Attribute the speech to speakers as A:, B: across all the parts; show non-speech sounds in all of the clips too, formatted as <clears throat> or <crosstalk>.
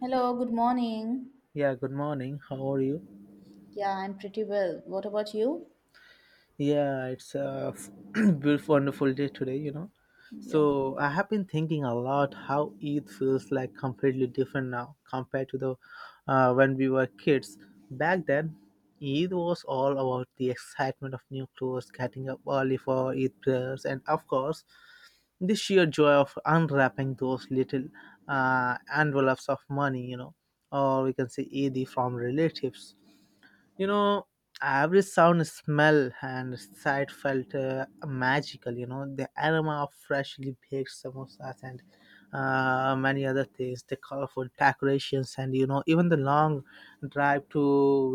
A: Hello, good morning.
B: Yeah, good morning. How are you?
A: Yeah, I'm pretty well. What about you?
B: Yeah, it's a <clears throat> beautiful, wonderful day today, you know.
A: Yeah.
B: So, I have been thinking a lot how Eid feels like completely different now compared to the when we were kids. Back then, Eid was all about the excitement of new clothes, getting up early for Eid prayers, and of course, the sheer joy of unwrapping those little envelopes of money, you know, or we can say Eid from relatives. You know, every sound, smell and sight felt magical, you know, the aroma of freshly baked samosas and many other things, the colorful decorations, and you know, even the long drive to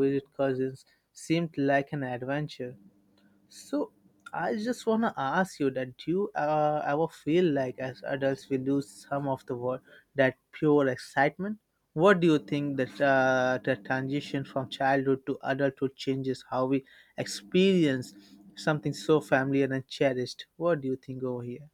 B: visit cousins seemed like an adventure. So I just want to ask you that, do you ever feel like as adults we lose some of that pure excitement? What do you think that the transition from childhood to adulthood changes how we experience something so familiar and cherished? What do you think over here?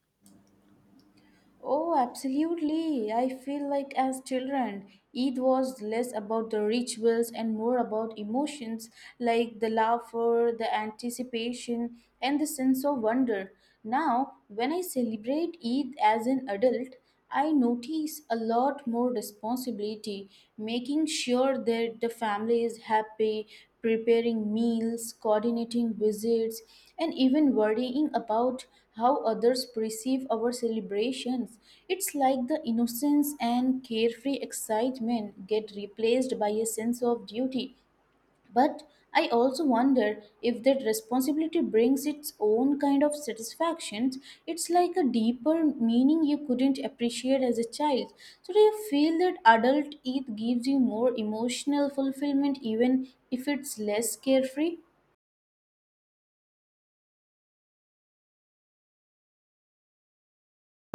A: Oh, absolutely. I feel like as children, Eid was less about the rituals and more about emotions like the laughter, the anticipation, and the sense of wonder. Now, when I celebrate Eid as an adult, I notice a lot more responsibility, making sure that the family is happy, preparing meals, coordinating visits, and even worrying about how others perceive our celebrations. It's like the innocence and carefree excitement get replaced by a sense of duty, but I also wonder if that responsibility brings its own kind of satisfactions. It's like a deeper meaning you couldn't appreciate as a child. So, do you feel that adult youth gives you more emotional fulfillment even if it's less carefree?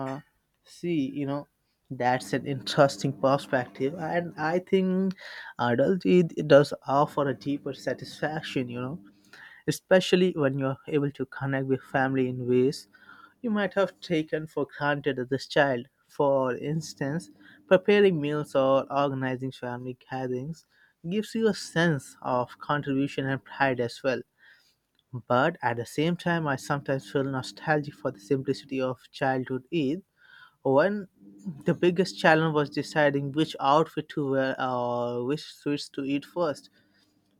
B: Uh, See, you know, that's an interesting perspective, and I think adulthood, it does offer a deeper satisfaction, you know, especially when you are able to connect with family in ways you might have taken for granted as a child. For instance, preparing meals or organizing family gatherings gives you a sense of contribution and pride as well. But at the same time, I sometimes feel nostalgic for the simplicity of childhood Eid. When the biggest challenge was deciding which outfit to wear or which sweets to eat first,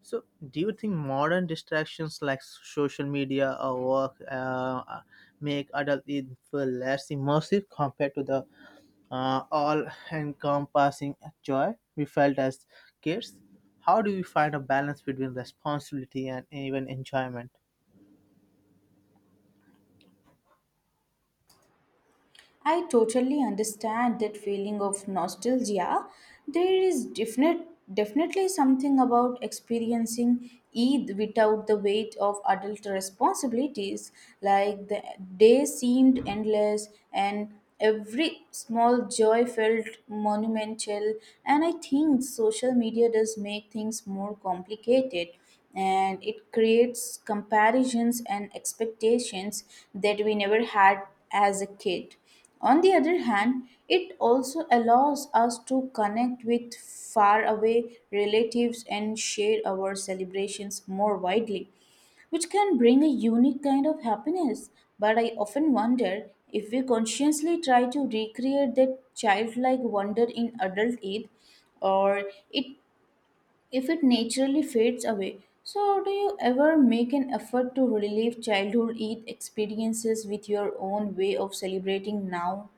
B: so, do you think modern distractions like social media or work make adult Eden feel less immersive compared to the all-encompassing joy we felt as kids? How do we find a balance between responsibility and even enjoyment?
A: I totally understand that feeling of nostalgia. There is definitely something about experiencing Eid without the weight of adult responsibilities. Like the day seemed endless and every small joy felt monumental. And I think social media does make things more complicated and it creates comparisons and expectations that we never had as a kid. On the other hand, it also allows us to connect with faraway relatives and share our celebrations more widely, which can bring a unique kind of happiness. But I often wonder if we consciously try to recreate that childlike wonder in adult Eid, or it if it naturally fades away. So, do you ever make an effort to relive childhood Eid experiences with your own way of celebrating now?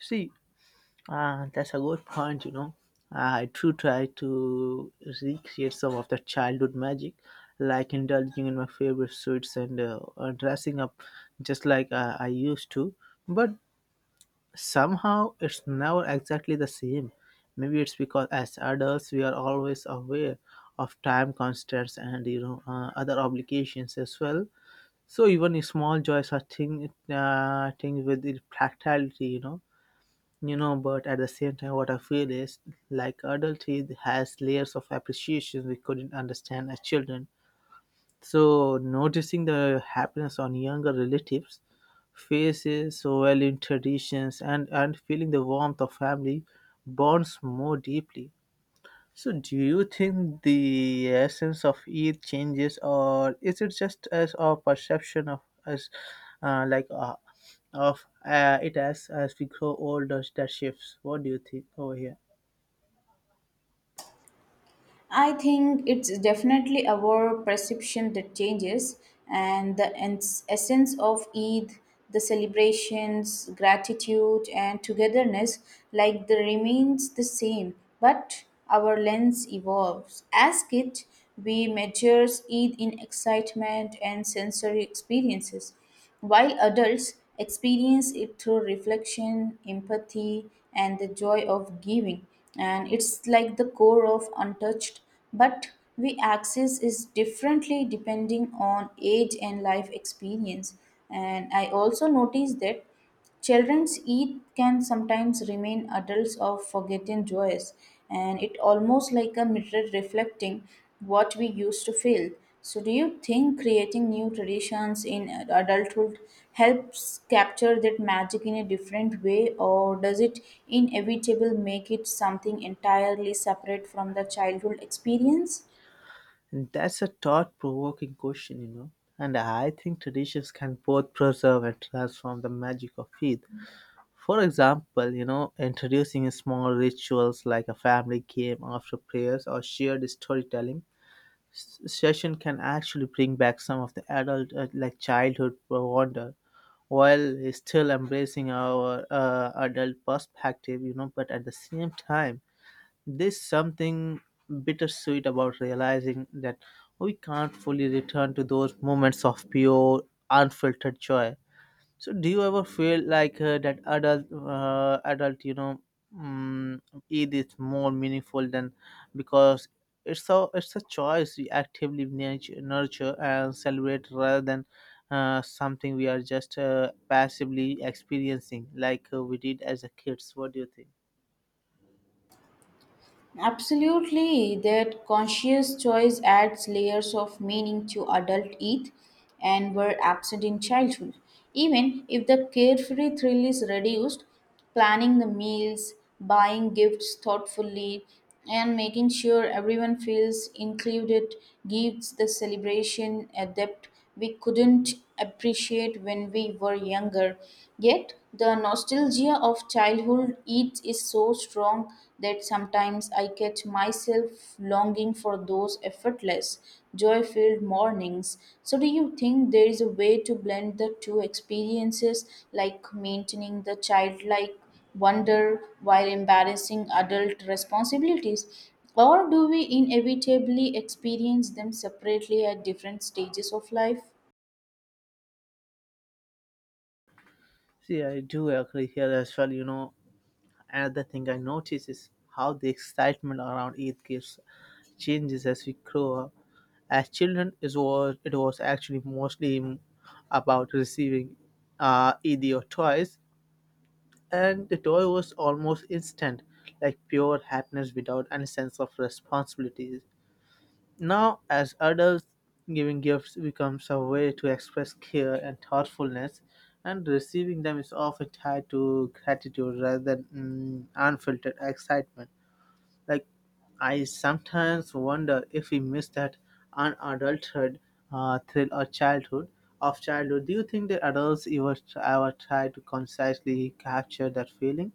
B: See, ah, that's a good point, you know. Ah, I do try to recreate some of the childhood magic, like indulging in my favorite sweets and dressing up just like I used to. But somehow it's never exactly the same. Maybe it's because as adults we are always aware of time constraints and you know other obligations as well. So even small joys are thing with the practicality, you know. You know, but at the same time, what I feel is like adulthood has layers of appreciation we couldn't understand as children. So, noticing the happiness on younger relatives' faces, valuing traditions, and feeling the warmth of family bonds more deeply. So, do you think the essence of Eid changes, or is it just as our perception of us, like of it as we grow older that shifts? What do you think over here?
A: I think it's definitely our perception that changes, and the essence of Eid, the celebrations, gratitude, and togetherness, like the remains the same, but our lens evolves. As kids, we measure Eid in excitement and sensory experiences, while adults experience it through reflection, empathy, and the joy of giving. And it's like the core of untouched, but we access is differently depending on age and life experience. And I also noticed that Children's Eid can sometimes remain adults of forgotten joys, and it almost like a mirror reflecting what we used to feel. So, do you think creating new traditions in adulthood helps capture that magic in a different way, or does it inevitably make it something entirely separate from the childhood experience?
B: And that's a thought-provoking question, you know. And I think traditions can both preserve and transform the magic of Eid. For example, you know, introducing small rituals like a family game after prayers or shared storytelling session can actually bring back some of the adult like childhood wonder while still embracing our adult perspective, you know, but at the same time, there's something bittersweet about realizing that we can't fully return to those moments of pure, unfiltered joy. So, do you ever feel like that adult, adult, you know, um, it is more meaningful than, because it's a choice we actively nurture and celebrate rather than something we are just passively experiencing like we did as a kids. What do you think?
A: Absolutely, that conscious choice adds layers of meaning to adult youth and were absent in childhood. Even if the carefree thrill is reduced, planning the meals, buying gifts thoughtfully, and making sure everyone feels included gives the celebration a depth we couldn't appreciate when we were younger. Yet, the nostalgia of childhood eats is so strong that sometimes I catch myself longing for those effortless, joy filled mornings. So, do you think there is a way to blend the two experiences, like maintaining the childlike wonder while embarrassing adult responsibilities? Or do we inevitably experience them separately at different stages of life?
B: See, I do agree here as well. You know, another thing I notice is how the excitement around Eid gives changes as we grow up. As children, it was actually mostly about receiving either toys, and the toy was almost instant, like pure happiness without any sense of responsibilities. Now, as adults, giving gifts becomes a way to express care and thoughtfulness, and receiving them is often tied to gratitude rather than unfiltered excitement. Like I sometimes wonder if we miss that unadulterated thrill or childhood. Of childhood, do you think that adults ever try to consciously capture that feeling,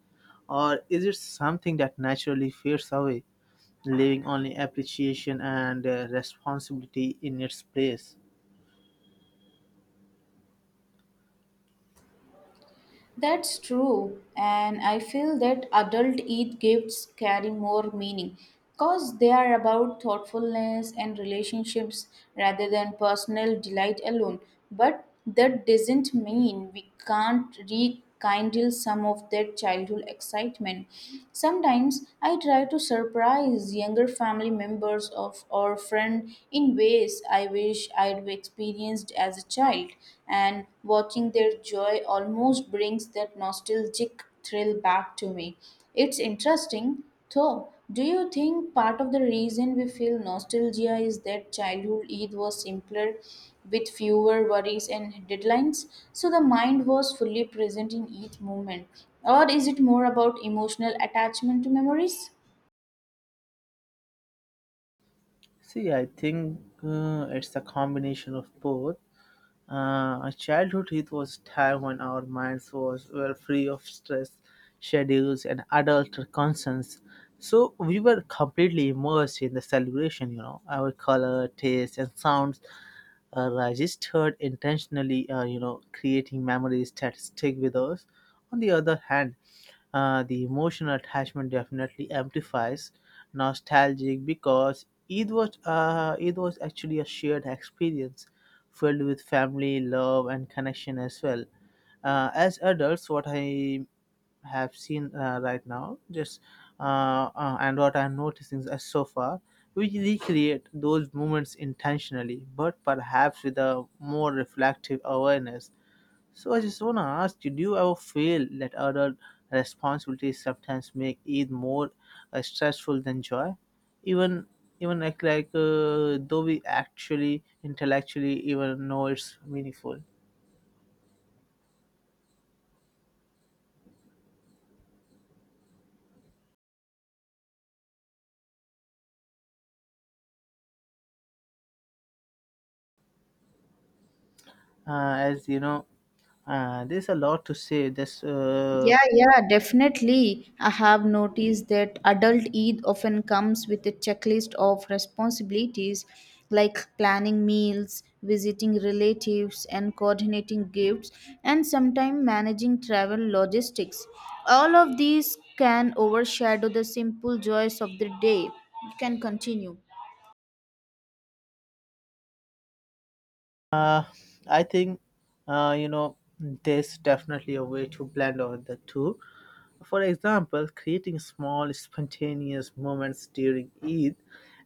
B: or is it something that naturally fades away, leaving only appreciation and responsibility in its place?
A: That's true, and I feel that adult Eid gifts carry more meaning because they are about thoughtfulness and relationships rather than personal delight alone. But that doesn't mean we can't rekindle some of that childhood excitement. Sometimes I try to surprise younger family members of or friend in ways I wish I'd experienced as a child, and watching their joy almost brings that nostalgic thrill back to me. It's interesting, though. Do you think part of the reason we feel nostalgia is that childhood Eid was simpler with fewer worries and deadlines, so the mind was fully present in each moment? Or is it more about emotional attachment to memories?
B: See, I think it's a combination of both. Our childhood, it was time when our minds was were free of stress, schedules, and adult concerns. So we were completely immersed in the celebration. You know, our color, taste, and sounds registered intentionally, you know, creating memories that stick with us. On the other hand, the emotional attachment definitely amplifies nostalgic, because it was actually a shared experience filled with family, love, and connection as well. As adults, what I have seen right now just and what I'm noticing is so far we recreate those moments intentionally, but perhaps with a more reflective awareness. So I just want to ask you, do you ever feel that other responsibilities sometimes make it more stressful than joy, even even though we actually intellectually even know it's meaningful, as you know, there's a lot to say. There's
A: Yeah, yeah, definitely. I have noticed that adult Eid often comes with a checklist of responsibilities like planning meals, visiting relatives, and coordinating gifts, and sometimes managing travel logistics. All of these can overshadow the simple joys of the day. You can continue.
B: Uh, I think you know, there's definitely a way to blend all the two. For example, creating small spontaneous moments during Eid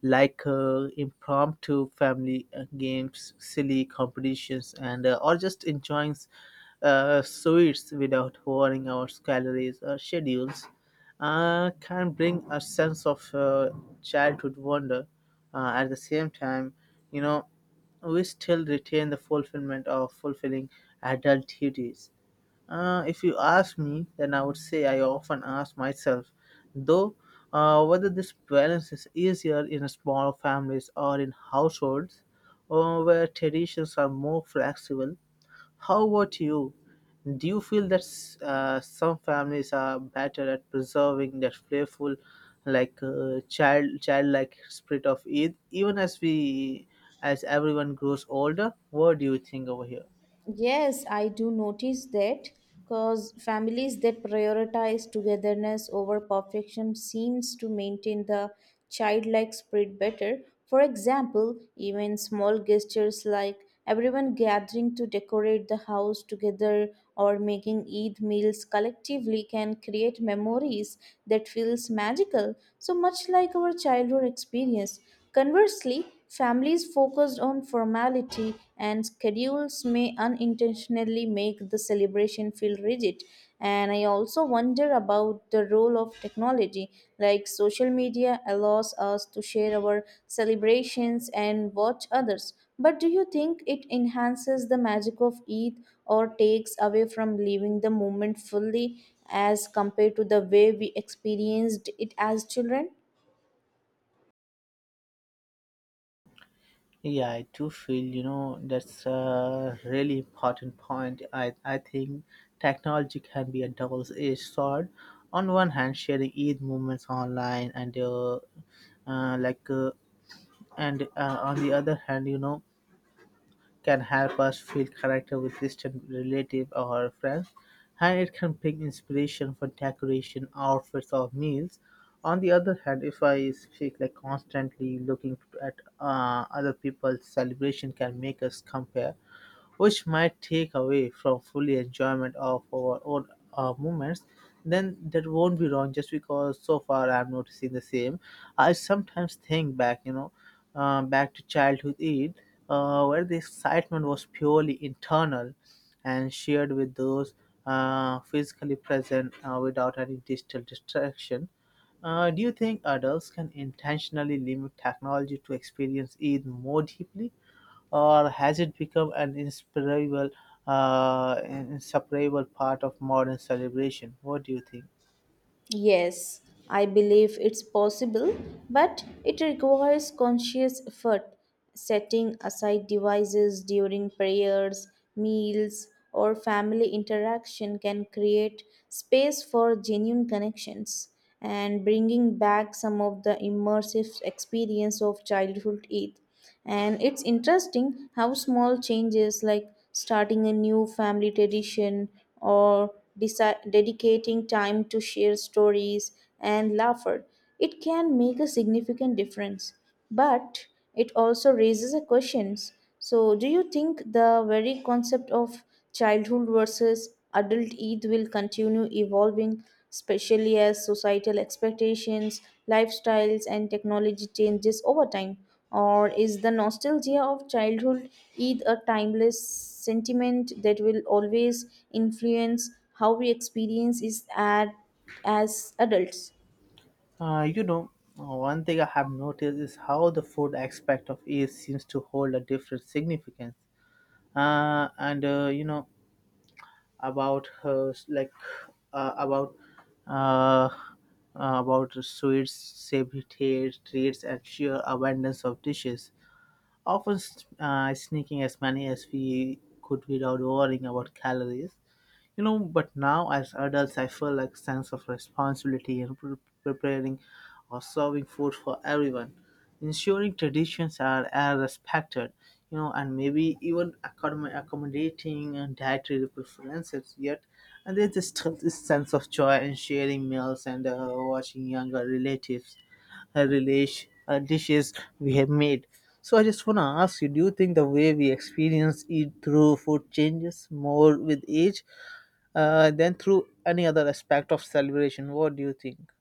B: like impromptu family games, silly competitions and or just enjoying sweets without worrying about calories or schedules can bring a sense of childhood wonder. At the same time, you know, we still retain the fulfillment of fulfilling adult duties. If you ask me, then I would say I often ask myself, though, whether this balance is easier in small families or in households where traditions are more flexible. How about you? Do you feel that some families are better at preserving that playful, childlike spirit of Eid, even as we as everyone grows older? What do you think over here?
A: Yes, I do notice that because families that prioritize togetherness over perfection seems to maintain the childlike spirit better. For example, even small gestures like everyone gathering to decorate the house together or making Eid meals collectively can create memories that feels magical, so much like our childhood experience. Conversely, families focused on formality and schedules may unintentionally make the celebration feel rigid. And I also wonder about the role of technology, like social media allows us to share our celebrations and watch others. But do you think it enhances the magic of Eid or takes away from living the moment fully as compared to the way we experienced it as children?
B: Yeah, I do feel, you know, that's a really important point. I think technology can be a double-edged sword. On one hand, sharing Eid movements online and uh, like uh, on the other hand, you know, can help us feel connected with distant relatives or friends, and it can bring inspiration for decoration, outfits, or meals. On the other hand, if I speak, like constantly looking at other people's celebration, can make us compare, which might take away from fully enjoyment of our own moments, then that won't be wrong, just because so far I'm noticing the same. I sometimes think back, you know, back to childhood Eid, where the excitement was purely internal and shared with those physically present without any digital distraction. Do you think adults can intentionally limit technology to experience Eid more deeply? Or has it become an inseparable part of modern celebration? What do you think?
A: Yes, I believe it's possible, but it requires conscious effort. Setting aside devices during prayers, meals, or family interaction can create space for genuine connections and bringing back some of the immersive experience of childhood Eid. And it's interesting how small changes like starting a new family tradition or dedicating time to share stories and laughter, it can make a significant difference. But it also raises a questions. So, do you think the very concept of childhood versus adult Eid will continue evolving, especially as societal expectations, lifestyles, and technology changes over time? Or is the nostalgia of childhood Eid a timeless sentiment that will always influence how we experience as adults?
B: You know, one thing I have noticed is how the food aspect of Eid seems to hold a different significance. And You know, about uh, about uh, about sweets, savory taste, treats, and sheer abundance of dishes. Often sneaking as many as we could without worrying about calories, you know, but now as adults I feel like sense of responsibility in preparing or serving food for everyone, ensuring traditions are respected, you know, and maybe even accommodating and dietary preferences yet, and there's just still this sense of joy in sharing meals and watching younger relatives relish, dishes we have made. So I just want to ask you, do you think the way we experience eat through food changes more with age than through any other aspect of celebration. What do you think?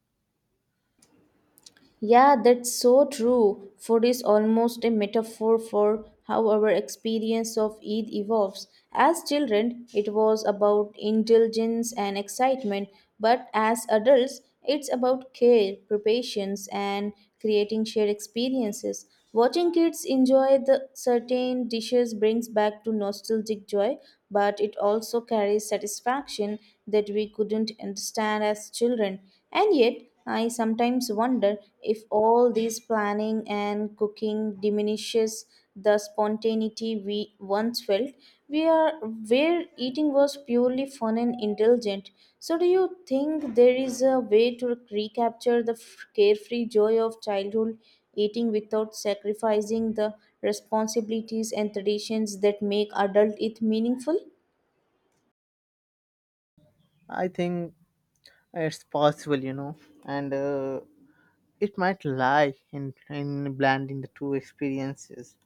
A: Yeah, that's so true. Food is almost a metaphor for how our experience of Eid evolves. As children, it was about indulgence and excitement, but as adults, it's about care, preparation, and creating shared experiences. Watching kids enjoy the certain dishes brings back to nostalgic joy, but it also carries satisfaction that we couldn't understand as children. And yet, I sometimes wonder if all this planning and cooking diminishes the spontaneity we once felt. We are where eating was purely fun and indulgent. So, do you think there is a way to recapture the carefree joy of childhood eating without sacrificing the responsibilities and traditions that make adult it meaningful?
B: I think it's possible, you know, and it might lie in blending the two experiences.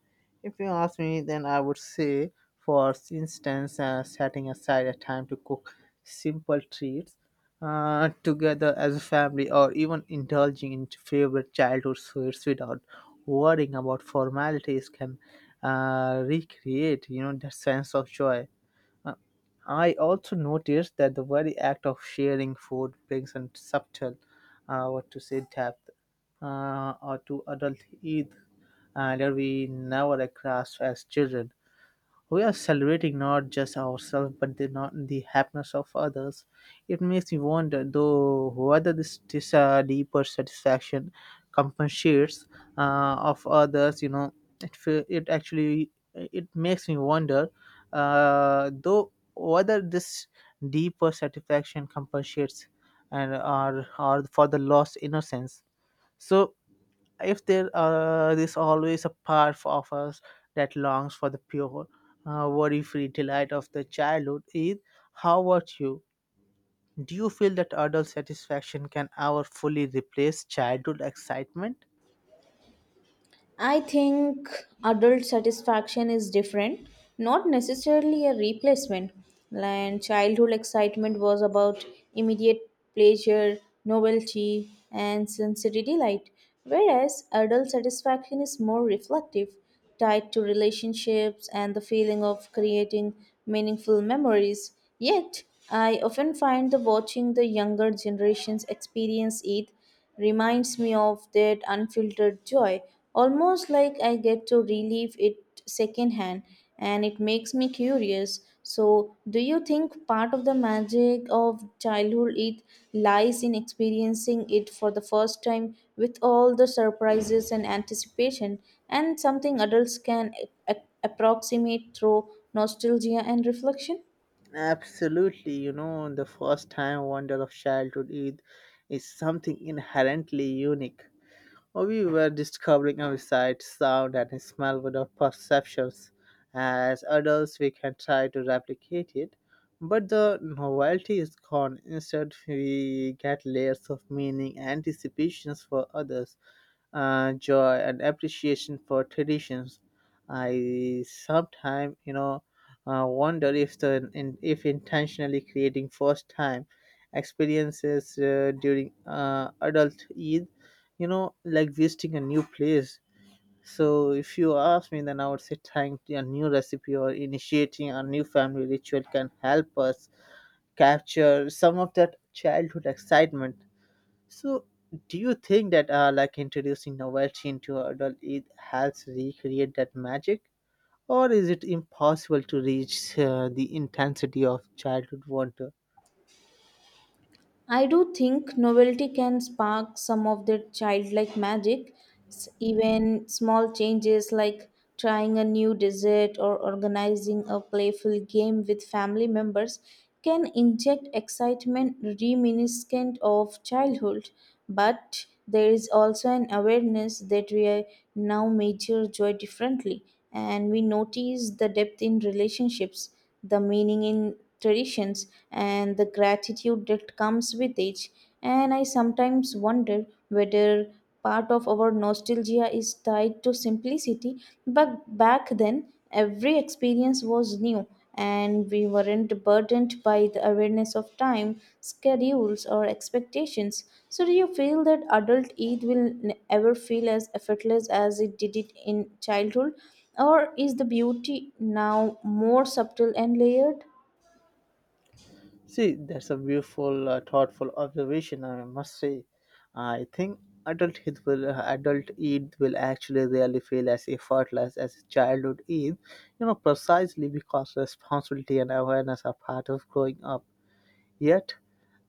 B: If you ask me, then I would say, for instance, setting aside a time to cook simple treats together as a family, or even indulging in favorite childhood sweets without worrying about formalities, can recreate, you know, that sense of joy. Uh, I also noticed that the very act of sharing food brings a subtle, what to say, depth or to adult Eid that we never grasped as children. We are celebrating not just ourselves but the, not the happiness of others. It makes me wonder, though, whether this, this deeper satisfaction compensates of others. You know, it actually, it makes me wonder, though, whether this deeper satisfaction compensates and are for the lost innocence. So if there is always a part of us that longs for the pure, worry-free delight of the childhood, Eid, how about you? Do you feel that adult satisfaction can ever fully replace childhood excitement?
A: I think adult satisfaction is different, not necessarily a replacement. And childhood excitement was about immediate pleasure, novelty, and sensory delight, whereas adult satisfaction is more reflective, tied to relationships and the feeling of creating meaningful memories. Yet, I often find that watching the younger generations experience it reminds me of that unfiltered joy, almost like I get to relive it secondhand, and it makes me curious. So, do you think part of the magic of childhood it lies in experiencing it for the first time with all the surprises and anticipation, and something adults can approximate through nostalgia and reflection?
B: Absolutely, you know, the first time wonder of childhood Eid is something inherently unique. We were discovering our sight, sound, and smell without perceptions. As adults, we can try to replicate it, but the novelty is gone. Instead, we get layers of meaning, anticipations for others joy and appreciation for traditions. I sometimes, you know, wonder if if intentionally creating first time experiences during adult Eid, you know, like visiting a new place. So if you ask me, then I would say trying a new recipe or initiating a new family ritual can help us capture some of that childhood excitement so, do you think that like introducing novelty into adult it helps recreate that magic, or is it impossible to reach the intensity of childhood wonder?
A: I do think novelty can spark some of that childlike magic. Even small changes like trying a new dessert or organizing a playful game with family members can inject excitement reminiscent of childhood. But there is also an awareness that we are now measure joy differently, and we notice the depth in relationships, the meaning in traditions and the gratitude that comes with it. And I sometimes wonder whether part of our nostalgia is tied to simplicity, but back then every experience was new and we weren't burdened by the awareness of time, schedules, or expectations. So, do you feel that adult Eid will ever feel as effortless as it did it in childhood? Or is the beauty now more subtle and layered?
B: See, that's a beautiful, thoughtful observation. I must say, I think adult Eid will actually really feel as effortless as childhood Eid, you know, precisely because responsibility and awareness are part of growing up. Yet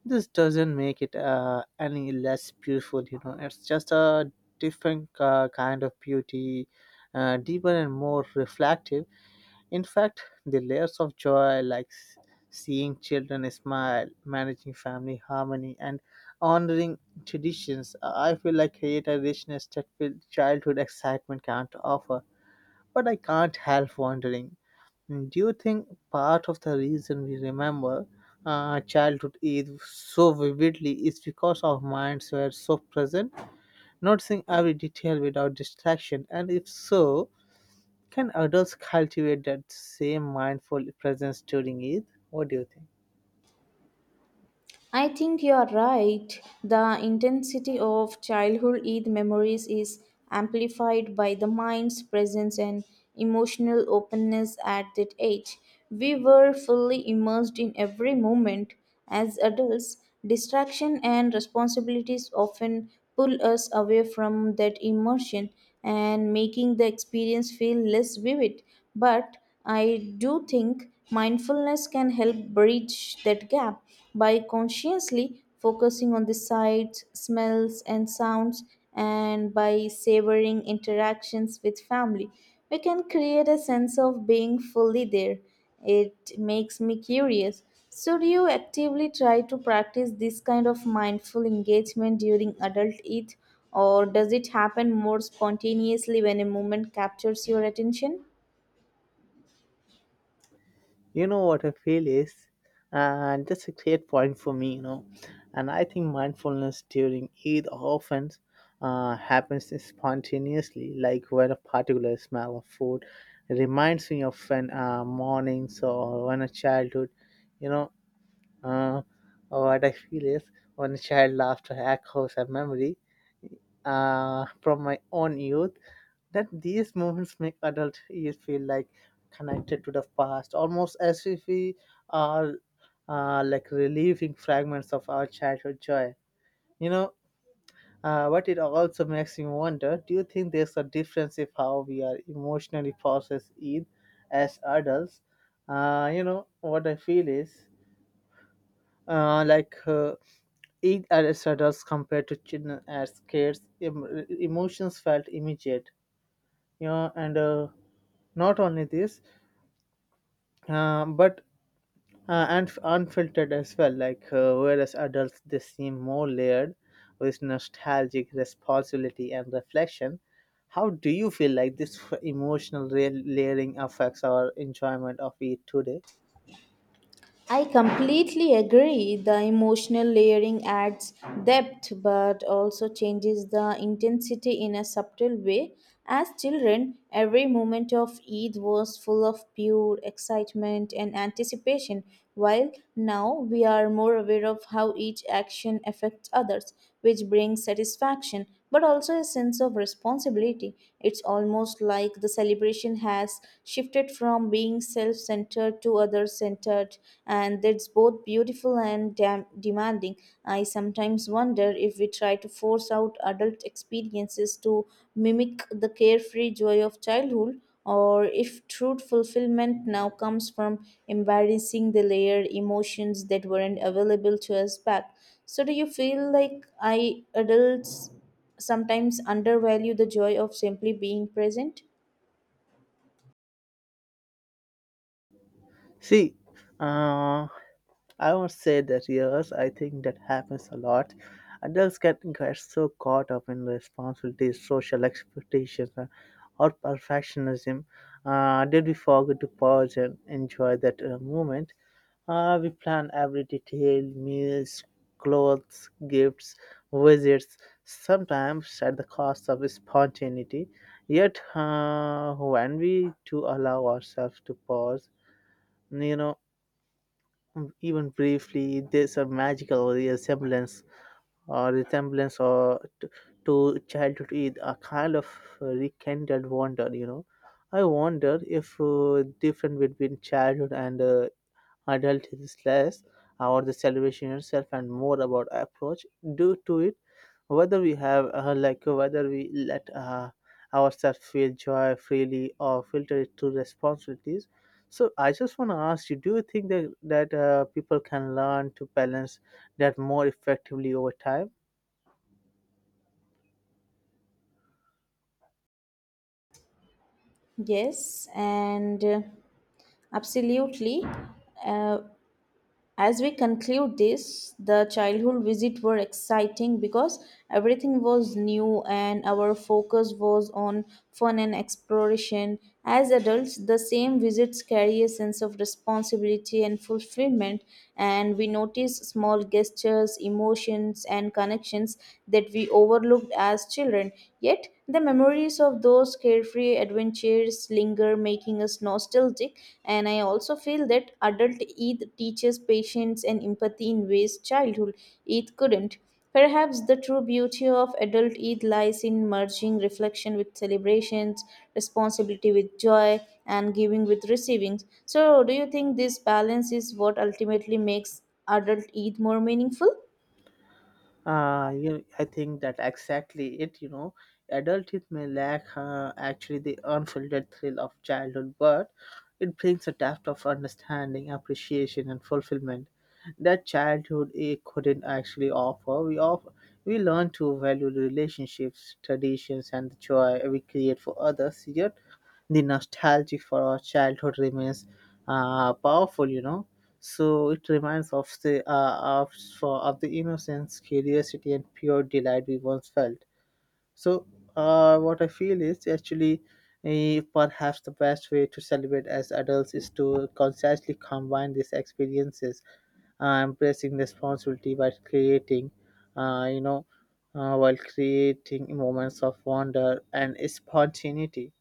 B: this doesn't make it any less beautiful, you know. It's just a different kind of beauty, deeper and more reflective. In fact, the layers of joy, like seeing children smile, managing family harmony, and honoring traditions, I feel like create a richness that childhood excitement can't offer. But I can't help wondering. Do you think part of the reason we remember childhood Eid so vividly is because our minds were so present, noticing every detail without distraction? And if so, can adults cultivate that same mindful presence during Eid? What do you think?
A: I think you are right. The intensity of childhood Eid memories is amplified by the mind's presence and emotional openness at that age. We were fully immersed in every moment. As adults, distraction and responsibilities often pull us away from that immersion and making the experience feel less vivid. But I do think mindfulness can help bridge that gap by consciously focusing on the sights, smells, and sounds, and by savoring interactions with family. We can create a sense of being fully there. It makes me curious. So, do you actively try to practice this kind of mindful engagement during adult ETH, or does it happen more spontaneously when a moment captures your attention?
B: You know what I feel is, and that's a great point for me, you know. And I think mindfulness during Eid often happens spontaneously, like when a particular smell of food reminds me of when mornings or when a childhood, you know. Uh, what I feel is when a child laughter echoes a memory, from my own youth, that these moments make adult years feel like connected to the past, almost as if we are like relieving fragments of our childhood joy. You know, but it also makes me wonder, do you think there's a difference if how we are emotionally process Eid as adults? You know, what I feel is uh, like uh, each Aristotle's compared to children as kids, emotions felt immediate. You know, and not only this, but and unfiltered as well. Whereas adults, they seem more layered with nostalgic responsibility and reflection. How do you feel like this emotional layering affects our enjoyment of it today?
A: I completely agree. The emotional layering adds depth but also changes the intensity in a subtle way. As children, every moment of Eid was full of pure excitement and anticipation, while now we are more aware of how each action affects others, which brings satisfaction but also a sense of responsibility. It's almost like the celebration has shifted from being self centered to other centered, and that's both beautiful and demanding. I sometimes wonder if we try to force out adult experiences to mimic the carefree joy of childhood, or if true fulfillment now comes from embarrassing the layered emotions that weren't available to us back. So, do you feel like I adults sometimes undervalue the joy of simply being present?
B: See, uh, I won't say that yes, I think that happens a lot. Adults get so caught up in responsibilities, social expectations, or perfectionism that we forget to pause and enjoy that moment. We plan every detail, meals, clothes, gifts, visits, sometimes at the cost of spontaneity. Yet, when we do allow ourselves to pause, you know, even briefly, there's a magical resemblance resemblance to childhood, is a kind of rekindled wonder, you know. I wonder if difference between childhood and adult is less about the celebration itself and more about approach due to it, whether we have whether we let ourselves feel joy freely or filter it through responsibilities. So I just want to ask you, do you think that people can learn to balance that more effectively over time.
A: Yes, and absolutely. Uh, as we conclude this, the childhood visit were exciting because everything was new and our focus was on fun and exploration. As adults, the same visits carry a sense of responsibility and fulfillment, and we notice small gestures, emotions, and connections that we overlooked as children. Yet, the memories of those careful carefree adventures linger, making us nostalgic. And I also feel that adult Eid teaches patience and empathy in ways childhood Eid couldn't. Perhaps the true beauty of adult Eid lies in merging reflection with celebrations, responsibility with joy, and giving with receiving. So, do you think this balance is what ultimately makes adult Eid more meaningful?
B: I think that exactly it. You know, adulthood may lack actually the unfiltered thrill of childhood, but it brings a depth of understanding, appreciation, and fulfillment that childhood it couldn't actually offer. We learn to value the relationships, traditions, and the joy we create for others. Yet, the nostalgia for our childhood remains powerful. You know, so it reminds of of the innocence, curiosity, and pure delight we once felt. So what I feel is actually, perhaps the best way to celebrate as adults is to consciously combine these experiences, embracing responsibility by creating, you know, while creating moments of wonder and spontaneity.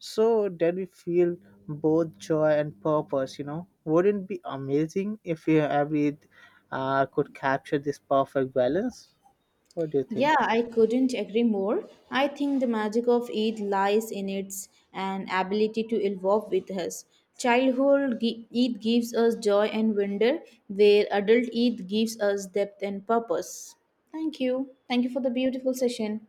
B: So then we feel both joy and purpose, you know. Wouldn't it be amazing if we every could capture this perfect balance? What do you think?
A: Yeah, I couldn't agree more. I think the magic of Eid lies in its an ability to evolve with us. Childhood Eid gives us joy and wonder, where adult Eid gives us depth and purpose. Thank you. Thank you for the beautiful session.